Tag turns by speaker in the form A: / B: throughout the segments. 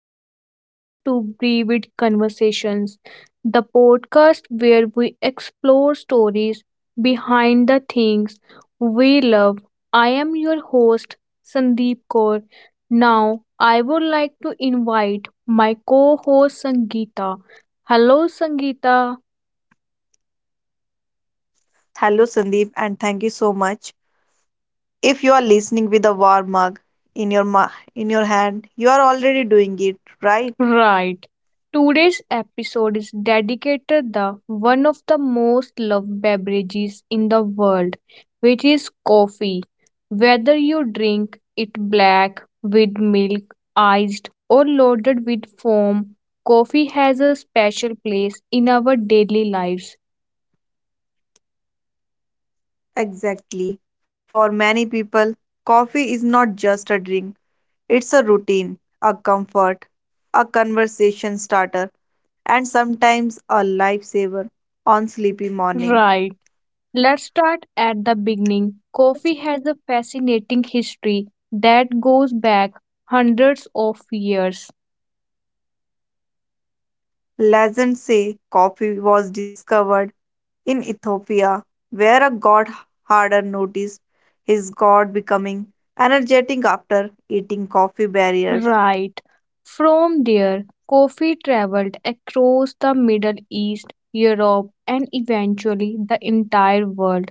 A: and welcome to Brevid Conversations, the podcast where we explore stories behind the things we love. I am your host, Sandeep Kaur. Now, I would like to invite my co host, Sangeeta. Hello, Sangeeta.
B: Hello, Sandeep, and thank you so much. If you are listening with a warm mug in your in your hand, you are already doing it, right?
A: Right. Today's episode is dedicated the one of the most loved beverages in the world, which is coffee. Whether you drink it black with milk, iced or loaded with foam, coffee has a special place in our daily lives.
B: Exactly. For many people, coffee is not just a drink; it's a routine, a comfort, a conversation starter, and sometimes a lifesaver on sleepy morning.
A: Right. Let's start at the beginning. Coffee has a fascinating history that goes back hundreds of years.
B: Legends say coffee was discovered in Ethiopia, where a god herder noticed his god becoming energetic after eating coffee berries.
A: Right. From there, coffee traveled across the Middle East, Europe, and eventually the entire world.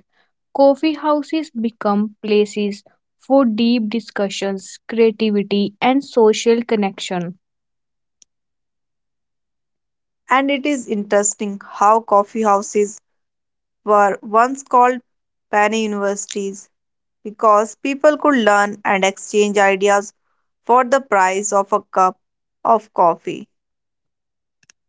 A: Coffee houses become places for deep discussions, creativity, and social connection.
B: And it is interesting how coffee houses were once called penny universities because people could learn and exchange ideas for the price of a cup of coffee.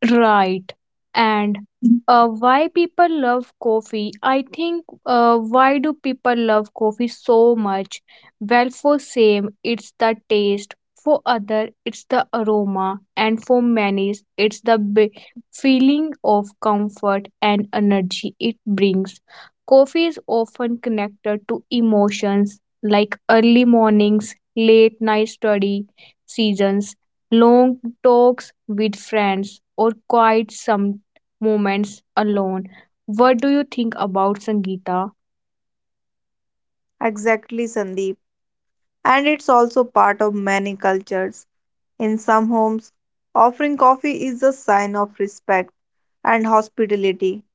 A: Right. And why people love coffee? I think why do people love coffee so much? Well, for some, it's the taste. For other, it's the aroma, and for many, it's the feeling of comfort and energy it brings. Coffee is often connected to emotions like early mornings, late night study seasons, long talks with friends, or quiet some moments alone. What do you think about Sangeeta?
B: Exactly, Sandeep. And it's also part of many cultures. In some homes, offering coffee is a sign of respect and hospitality.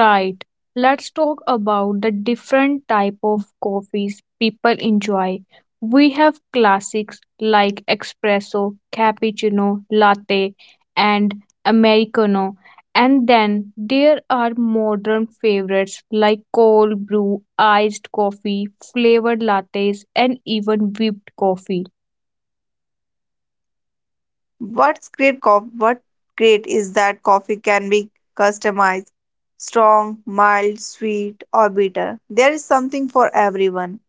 A: Right. Let's talk about the different type of coffees people enjoy. We have classics like espresso, cappuccino, latte, and americano. And then there are modern favorites like cold brew, iced coffee, flavored lattes, and even whipped coffee.
B: What great is that coffee can be customized, strong, mild, sweet, or bitter. There is something for everyone.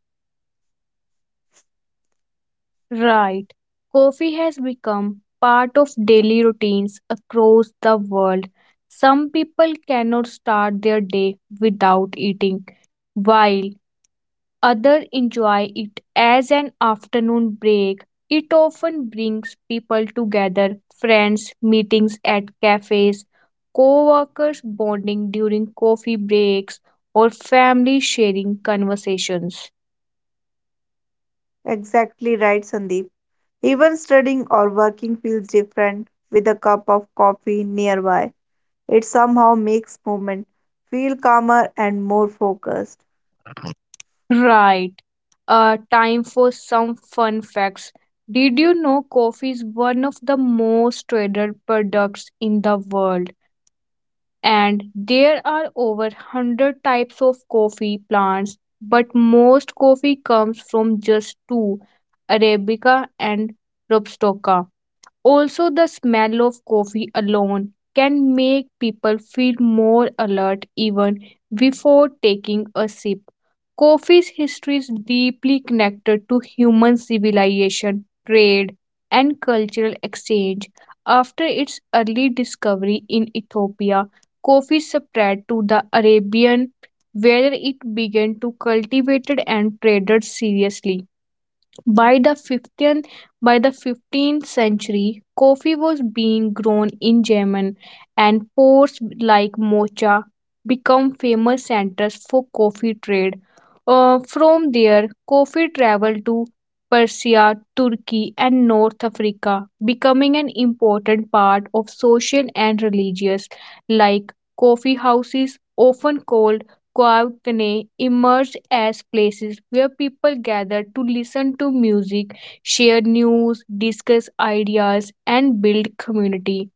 A: Right. Coffee has become part of daily routines across the world. Some people cannot start their day without eating, while others enjoy it as an afternoon break. It often brings people together, friends, meetings at cafes, co-workers bonding during coffee breaks, or family sharing conversations.
B: Exactly right, Sandeep. Even studying or working feels different with a cup of coffee nearby. It somehow makes movement feel calmer and more focused.
A: Right. Time for some fun facts. Did you know coffee is one of the most traded products in the world? And there are over 100 types of coffee plants, but most coffee comes from just two Arabica and Robusta. Also, the smell of coffee alone can make people feel more alert even before taking a sip. Coffee's history is deeply connected to human civilization, trade, and cultural exchange. After its early discovery in Ethiopia, coffee spread to the Arabian, where it began to cultivated and traded seriously. By the 15th, by the 15th century, coffee was being grown in Yemen, and ports like Mocha become famous centers for coffee trade. From there, coffee traveled to Persia, Turkey, and North Africa, becoming an important part of social and religious, like coffee houses, often called Koyaagne emerged as places where people gather to listen to music, share news, discuss ideas, and build community.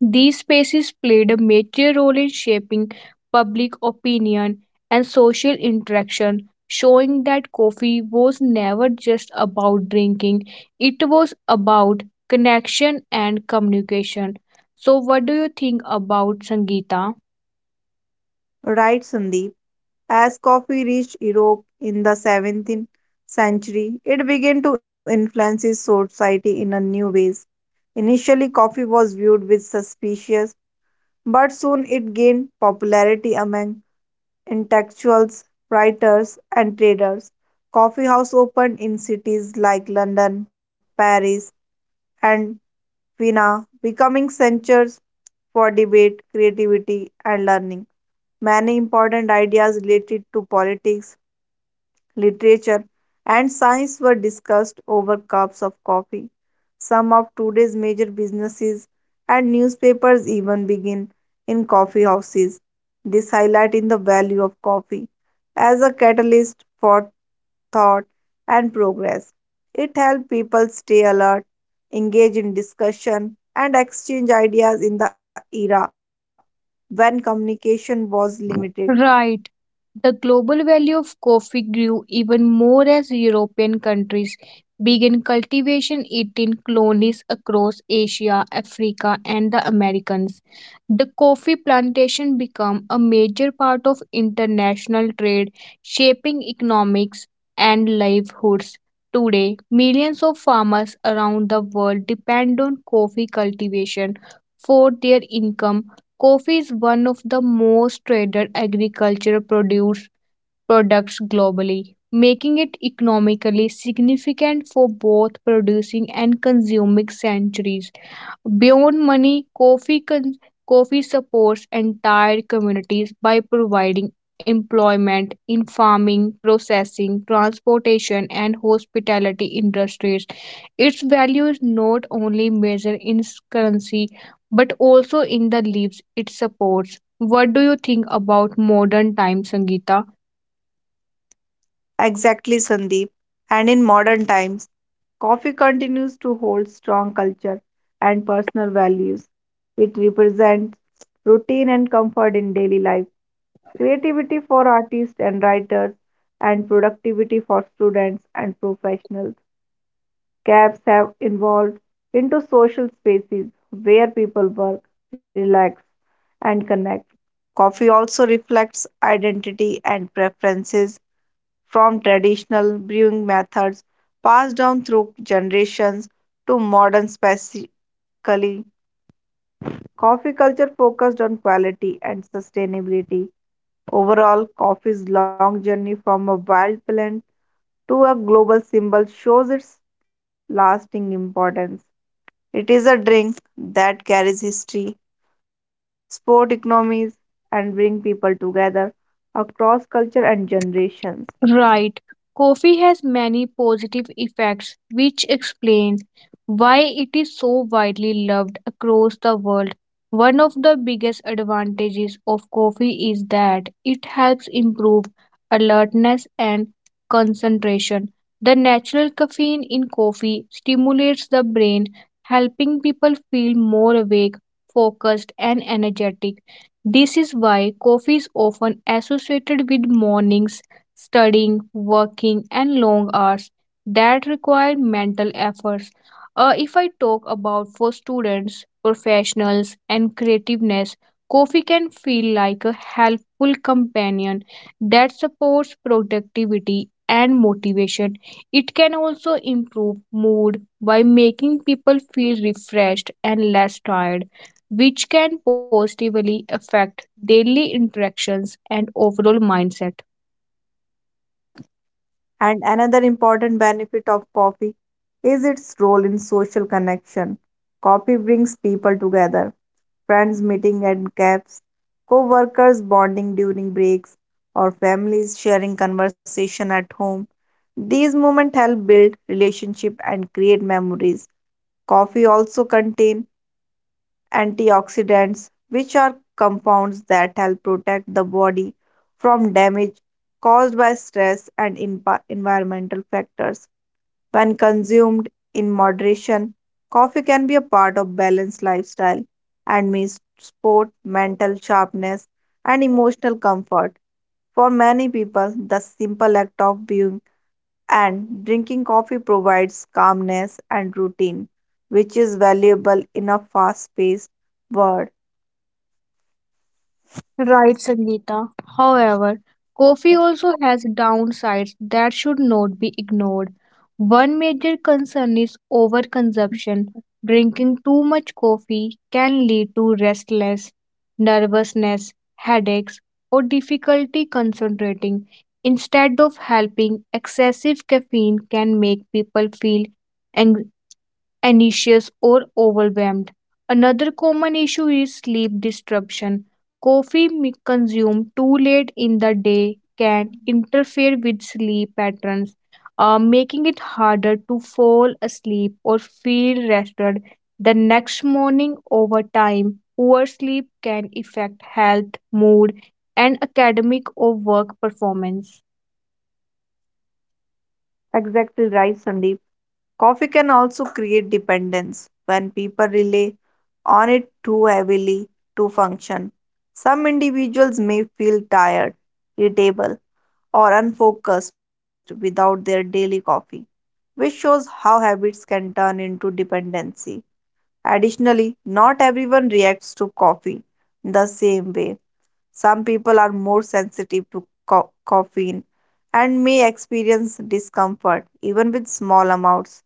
A: These spaces played a major role in shaping public opinion and social interaction, showing that coffee was never just about drinking, it was about connection and communication. So, what do you think about Sangeeta?
B: Right, Sandeep. As coffee reached Europe in the 17th century, it began to influence society in a new ways. Initially, coffee was viewed with suspicion, but soon it gained popularity among intellectuals, writers, and traders. Coffee house opened in cities like London, Paris, and Vienna, becoming centers for debate, creativity, and learning. Many important ideas related to politics literature, and science were discussed over cups of coffee. Some of today's major businesses and newspapers even begin in coffee houses. This highlighting the value of coffee as a catalyst for thought and progress. It helped people stay alert, engage in discussion, and exchange ideas in the era when communication was limited.
A: Right. The global value of coffee grew even more as European countries began cultivation it in colonies across Asia, Africa, and the Americas. The coffee plantation became a major part of international trade, shaping economics and livelihoods. Today, millions of farmers around the world depend on coffee cultivation for their income. Coffee is one of the most traded agricultural produce products globally, making it economically significant for both producing and consuming centuries. Beyond Money Coffee supports entire communities by providing employment in farming, processing, transportation, and hospitality industries. Its value is not only measured in its currency but also in the lives it supports. What do you think about modern times, Sangeeta?
B: Exactly, Sandeep. And in modern times, coffee continues to hold strong culture and personal values. It represents routine and comfort in daily life, creativity for artists and writers, and productivity for students and professionals. Cafes have evolved into social spaces where people work, relax, and connect. Coffee also reflects identity and preferences from traditional brewing methods passed down through generations to modern specifically coffee culture focused on quality and sustainability. Overall, coffee's long journey from a wild plant to a global symbol shows its lasting importance. It is a drink that carries history, sport economies, and bring people together across culture and generations.
A: Right. Coffee has many positive effects, which explains why it is so widely loved across the world. One of the biggest advantages of coffee is that it helps improve alertness and concentration. The natural caffeine in coffee stimulates the brain, helping people feel more awake, focused, and energetic. This is why coffee is often associated with mornings studying, working, and long hours that require mental efforts. If I talk about for students, professionals, and creativeness, coffee can feel like a helpful companion that supports productivity and motivation. It can also improve mood by making people feel refreshed and less tired, which can positively affect daily interactions and overall mindset.
B: And another important benefit of coffee is its role in social connection. Coffee brings people together, friends meeting at cafes, co workers bonding during breaks, or families sharing conversation at home. These moments help build relationship and create memories. Coffee also contains antioxidants, which are compounds that help protect the body from damage caused by stress and environmental factors. When consumed in moderation, coffee can be a part of balanced lifestyle and means sport, mental sharpness, and emotional comfort. For many people, the simple act of viewing and drinking coffee provides calmness and routine, which is valuable in a fast paced world.
A: Right, Sangeeta. However, coffee also has downsides that should not be ignored. One major concern is overconsumption. Drinking too much coffee can lead to restlessness, nervousness, headaches, or difficulty concentrating. Instead of helping, excessive caffeine can make people feel anxious or overwhelmed. Another common issue is sleep disruption. Consumed too late in the day can interfere with sleep patterns, making it harder to fall asleep or feel rested the next morning over time. Poor sleep can affect health, mood, and academic or work performance.
B: Exactly right, Sandeep. Coffee can also create dependence when people rely on it too heavily to function. Some individuals may feel tired, irritable, or unfocused without their daily coffee, which shows how habits can turn into dependency. Additionally, not everyone reacts to coffee the same way. Some people are more sensitive to caffeine and may experience discomfort even with small amounts.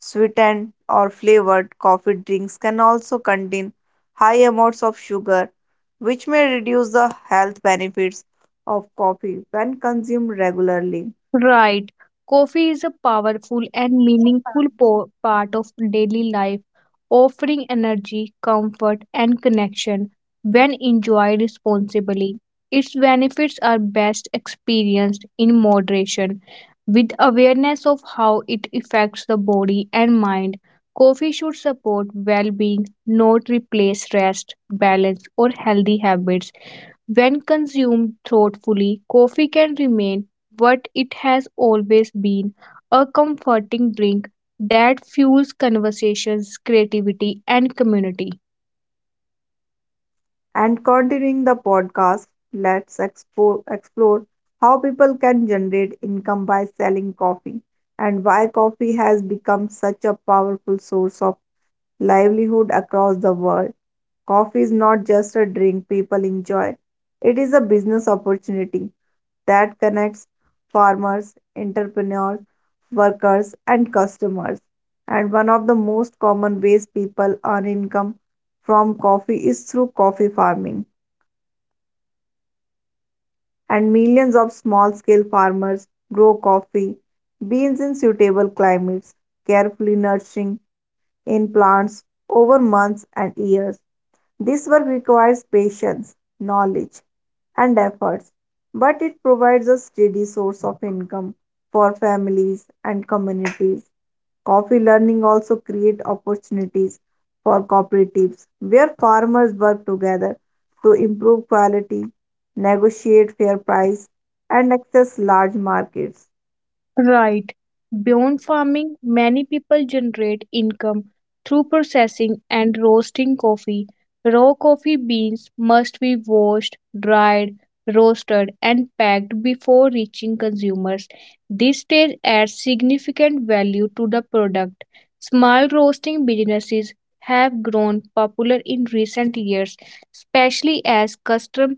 B: Sweetened or flavored coffee drinks can also contain high amounts of sugar, which may reduce the health benefits of coffee when consumed regularly.
A: Right. Coffee is a powerful and meaningful part of daily life, offering energy, comfort, and connection when enjoyed responsibly. Its benefits are best experienced in moderation. With awareness of how it affects the body and mind, coffee should support well being, not replace rest, balance, or healthy habits. When consumed thoughtfully, coffee can remain what it has always been a comforting drink that fuels conversations, creativity, and community.
B: And continuing the podcast, let's explore how people can generate income by selling coffee and why coffee has become such a powerful source of livelihood across the world. Coffee is not just a drink people enjoy, it is a business opportunity that connects farmers, entrepreneurs, workers, and customers. And one of the most common ways people earn income from coffee is through coffee farming. And millions of small scale farmers grow coffee beans in suitable climates, carefully nurturing in plants over months and years. This work requires patience, knowledge, and efforts, but it provides a steady source of income for families and communities. Coffee learning also create opportunities for cooperatives where farmers work together to improve quality, negotiate fair price and access large markets.
A: Right. Beyond farming, many people generate income through processing and roasting coffee. Raw coffee beans must be washed, dried, roasted, and packed before reaching consumers. This stage adds significant value to the product. Small roasting businesses have grown popular in recent years, especially as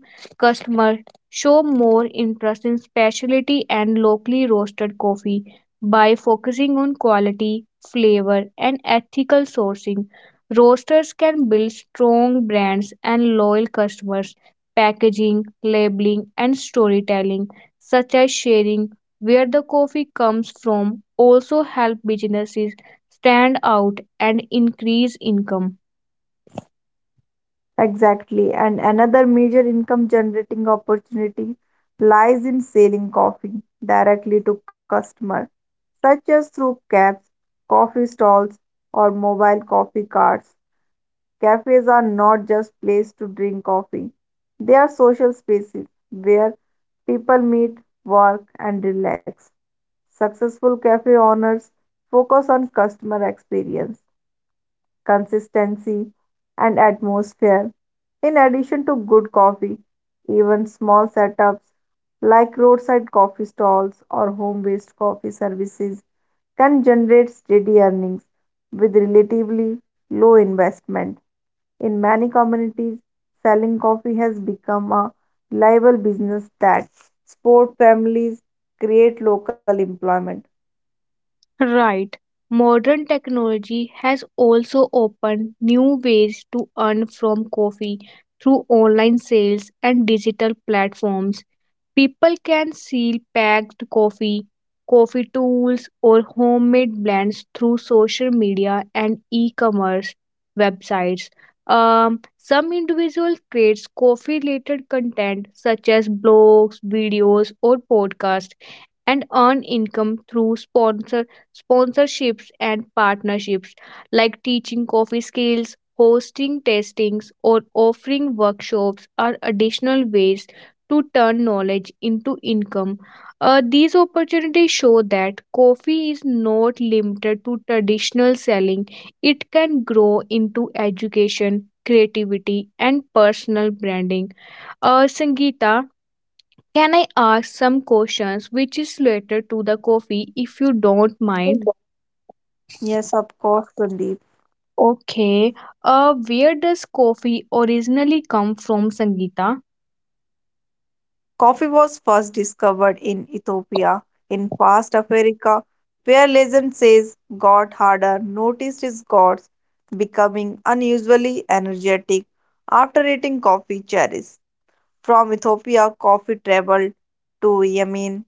A: customer show more interest in specialty and locally roasted coffee by focusing on quality, flavor, and ethical sourcing. Roasters can build strong brands and loyal customers. Packaging, labeling, and storytelling, such as sharing where the coffee comes from, also help businesses stand out and increase income.
B: Exactly, and another major income generating opportunity lies in selling coffee directly to customer such as through cabs, coffee stalls, or mobile coffee carts. Cafes are not just places to drink coffee, they are social spaces where people meet, work, and relax. Successful cafe owners focus on customer experience consistency, and atmosphere. In addition to good coffee, even small setups like roadside coffee stalls or home based coffee services can generate steady earnings with relatively low investment. In many communities, selling coffee has become a reliable business that support families, create local employment.
A: Right. Modern technology has also opened new ways to earn from coffee through online sales and digital platforms. People can seal packed coffee, coffee tools, or homemade blends through social media and e commerce websites. Some individuals create coffee related content such as blogs, videos, or podcasts and earn income through sponsorships and partnerships like teaching coffee skills, hosting tastings, or offering workshops are additional ways to turn knowledge into income. These opportunities show that coffee is not limited to traditional selling, it can grow into education, creativity, and personal branding. Sangeeta, can I ask some questions which is related to the coffee if you don't mind?
B: Yes, of course, Sandeep.
A: Okay. Where does coffee originally come from, Sangeeta?
B: Coffee was first discovered in Ethiopia, in past Africa, where legend says God Harder noticed his gods becoming unusually energetic after eating coffee cherries. From Ethiopia, coffee traveled to Yemen,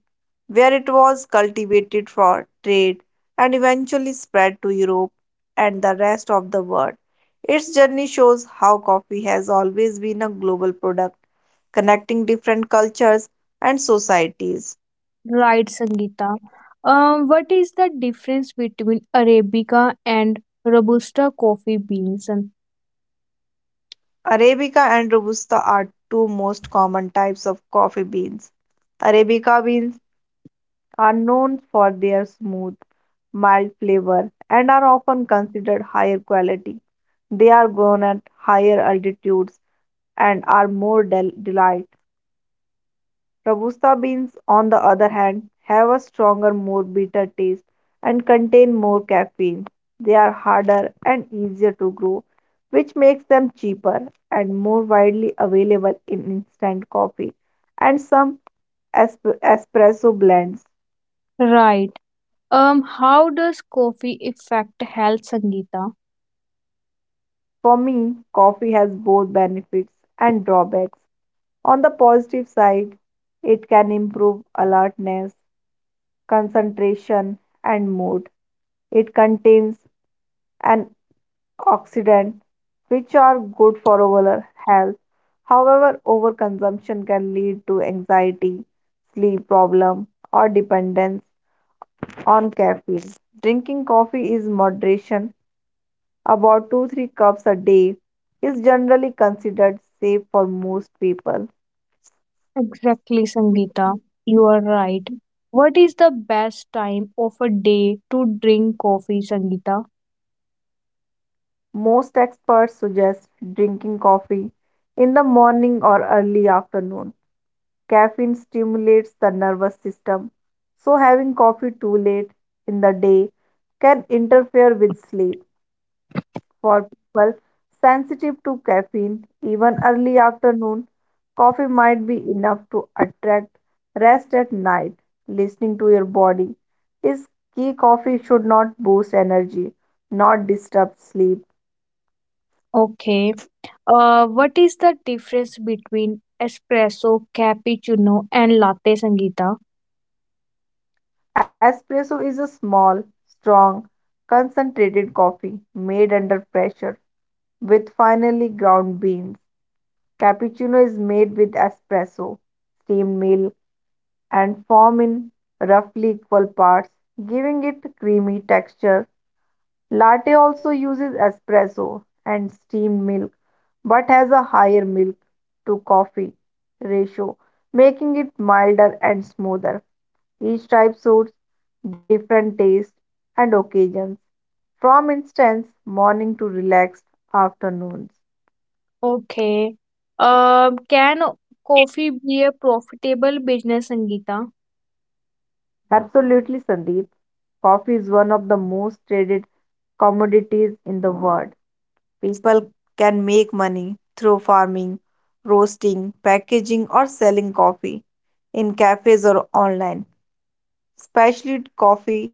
B: where it was cultivated for trade and eventually spread to Europe and the rest of the world. Its journey shows how coffee has always been a global product, connecting different cultures and societies.
A: Right, Sangeeta. What is the difference between Arabica and Robusta coffee beans?
B: Arabica and Robusta are two most common types of coffee beans. Arabica beans are known for their smooth, mild flavor and are often considered higher quality. They are grown at higher altitudes and are more delight. Robusta beans, on the other hand, have a stronger, more bitter taste and contain more caffeine. They are harder and easier to grow, which makes them cheaper and more widely available in instant coffee and some espresso blends.
A: Right. How does coffee affect health, Sangeeta?
B: For me, coffee has both benefits and drawbacks. On the positive side, it can improve alertness, concentration, and mood. It contains an oxidant which are good for overall health. However, overconsumption can lead to anxiety, sleep problem, or dependence on caffeine. Drinking coffee is moderation, about 2 to 3 cups a day, is generally considered safe for most people.
A: Exactly, Sangeeta. You are right. What is the best time of a day to drink coffee, Sangeeta?
B: Most experts suggest drinking coffee in the morning or early afternoon. Caffeine stimulates the nervous system, so having coffee too late in the day can interfere with sleep. For people sensitive to caffeine, even early afternoon coffee might be enough to attract rest at night. Listening to your body is key. Coffee should not boost energy, not disturb sleep.
A: Okay. What is the difference between espresso, cappuccino, and latte, Sangeeta?
B: Espresso is a small, strong, concentrated coffee made under pressure with finely ground beans. Cappuccino is made with espresso, steamed milk, and foam in roughly equal parts, giving it creamy texture. Latte also uses espresso and steamed milk, but has a higher milk to coffee ratio, making it milder and smoother. Each type suits different tastes and occasions. From instance, morning to relaxed afternoons.
A: Okay. Can coffee be a profitable business, Sangeeta?
B: Absolutely, Sandeep. Coffee is one of the most traded commodities in the world. People can make money through farming, roasting, packaging, or selling coffee in cafes or online. Specialty coffee,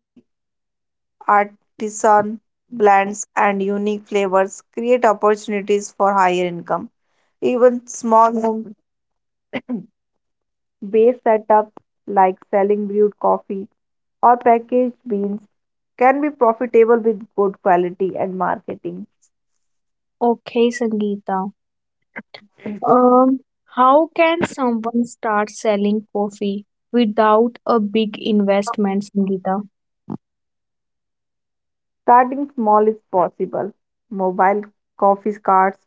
B: artisan blends, and unique flavors create opportunities for higher income. Even small home based setups like selling brewed coffee or packaged beans can be profitable with good quality and marketing.
A: Okay, Sangeeta. Um, how can someone start selling coffee without a big investment, Sangeeta?
B: Starting small is possible. Mobile coffee carts,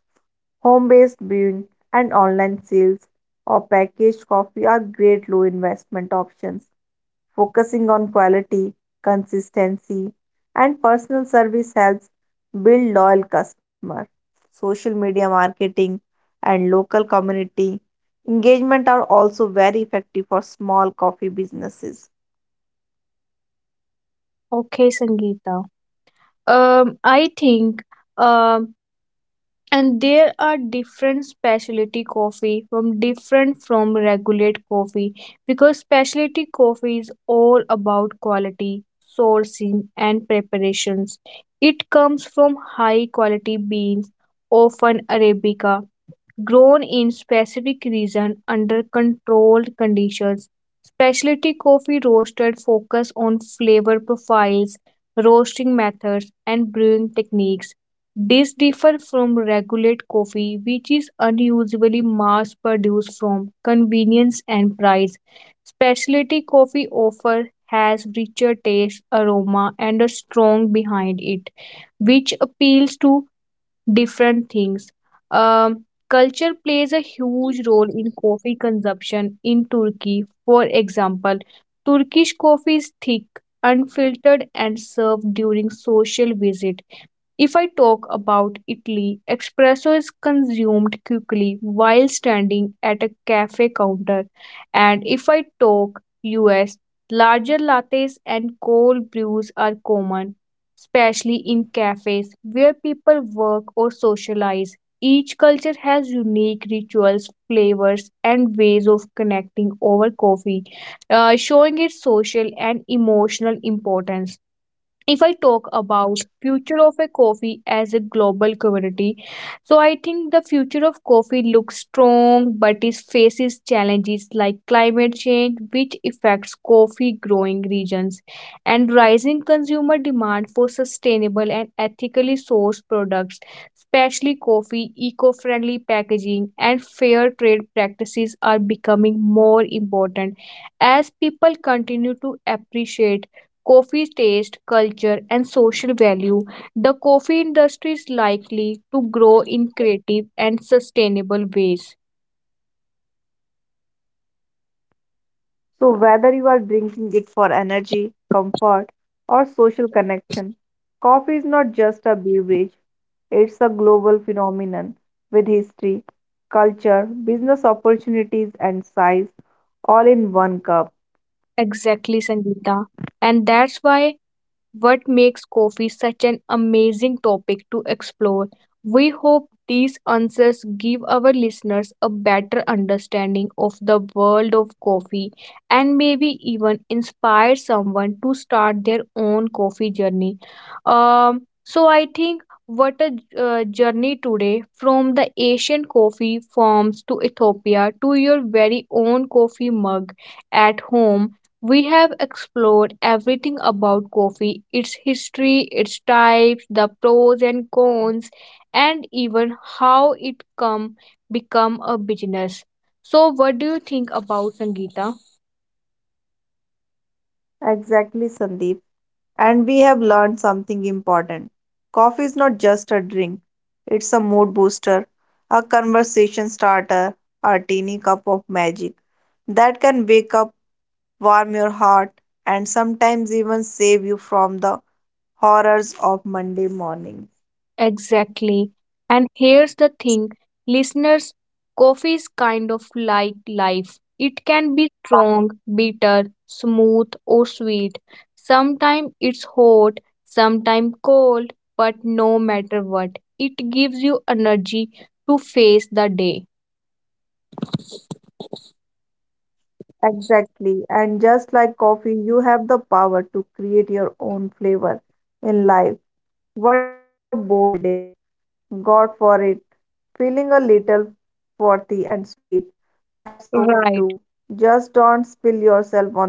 B: home-based brewing, and online sales or packaged coffee are great low investment options. Focusing on quality, consistency, and personal service helps build loyal customers. Social media marketing and local community engagement are also very effective for small coffee businesses.
A: Okay, Sangeeta. I think um and there are different specialty coffee from regulate coffee because specialty coffee is all about quality sourcing and preparations. It comes from high quality beans often arabica grown in specific region under controlled conditions. Specialty coffee roasted focus on flavor profiles, roasting methods, and brewing techniques. This differs from regular coffee, which is unusually mass produced from convenience and price. Specialty coffee offer has richer taste, aroma, and a strong behind it, which appeals to different things. Culture plays a huge role in coffee consumption in Turkey. For example, Turkish coffee is thick, unfiltered, and served during social visit. If I talk about Italy, espresso is consumed quickly while standing at a cafe counter. And if I talk US, larger lattes and cold brews are common, especially in cafes where people work or socialize. Each culture has unique rituals, flavors, and ways of connecting over coffee, showing its social and emotional importance. If I talk about future of a coffee as a global community, so I think the future of coffee looks strong but it faces challenges like climate change which affects coffee growing regions and rising consumer demand for sustainable and ethically sourced products, especially coffee eco-friendly packaging and fair trade practices are becoming more important as people continue to appreciate coffee taste, culture, and social value, the coffee industry is likely to grow in creative and sustainable ways.
B: So whether you are drinking it for energy, comfort, or social connection, coffee is not just a beverage, it's a global phenomenon with history, culture, business opportunities, and size all in one cup.
A: Exactly, Sangeeta. And that's why what makes coffee such an amazing topic to explore. We hope these answers give our listeners a better understanding of the world of coffee and maybe even inspire someone to start their own coffee journey. So, I think what a journey today from the Asian coffee farms to Ethiopia to your very own coffee mug at home. We have explored everything about coffee its history, its types, the pros and cons, and even how it come become a business. So what do you think about Sangeeta?
B: Exactly, Sandeep. And we have learned something important. Coffee is not just a drink, it's a mood booster, a conversation starter, a teeny cup of magic that can wake up, warm your heart, and sometimes even save you from the horrors of Monday morning.
A: Exactly. And here's the thing, listeners, coffee is kind of like life. It can be strong, bitter, smooth, or sweet. Sometimes it's hot, sometimes cold, but no matter what, it gives you energy to face the day.
B: Exactly. And just like coffee, you have the power to create your own flavor in life. What a bold day. God for it. Feeling a little frothy and sweet. That's okay
A: Right.
B: too. Just don't spill yourself on.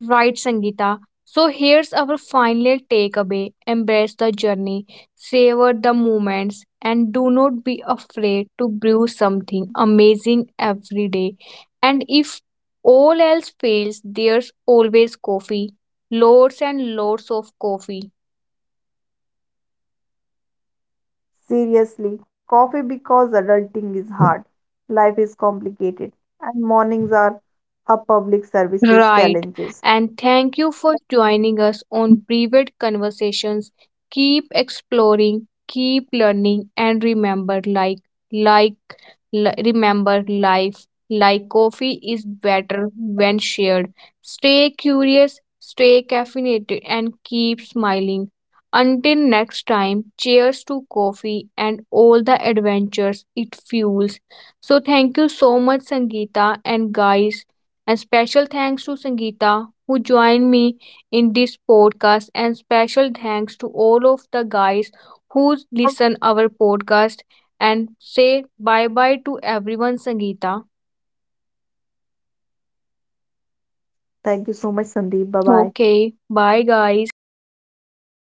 A: Right, Sangeeta. So here's our final takeaway embrace the journey, savor the moments, and do not be afraid to brew something amazing every day. And if all else fails, there's always coffee. Lots and lots of coffee.
B: Seriously, coffee because adulting is hard. Life is complicated. And mornings are a public services
A: Right.
B: challenges.
A: And thank you for joining us on Brevet Conversations. Keep exploring, keep learning, and like, remember life like coffee is better when shared. Stay curious, stay caffeinated, and keep smiling. Until next time, cheers to coffee and all the adventures it fuels. So, thank you so much, Sangeeta, and guys and special thanks to Sangeeta, who joined me in this podcast. And special thanks to all of the guys who listen our podcast. And say bye bye to everyone, Sangeeta.
B: Thank you so much, Sandeep. Bye bye.
A: Okay, bye guys. Until next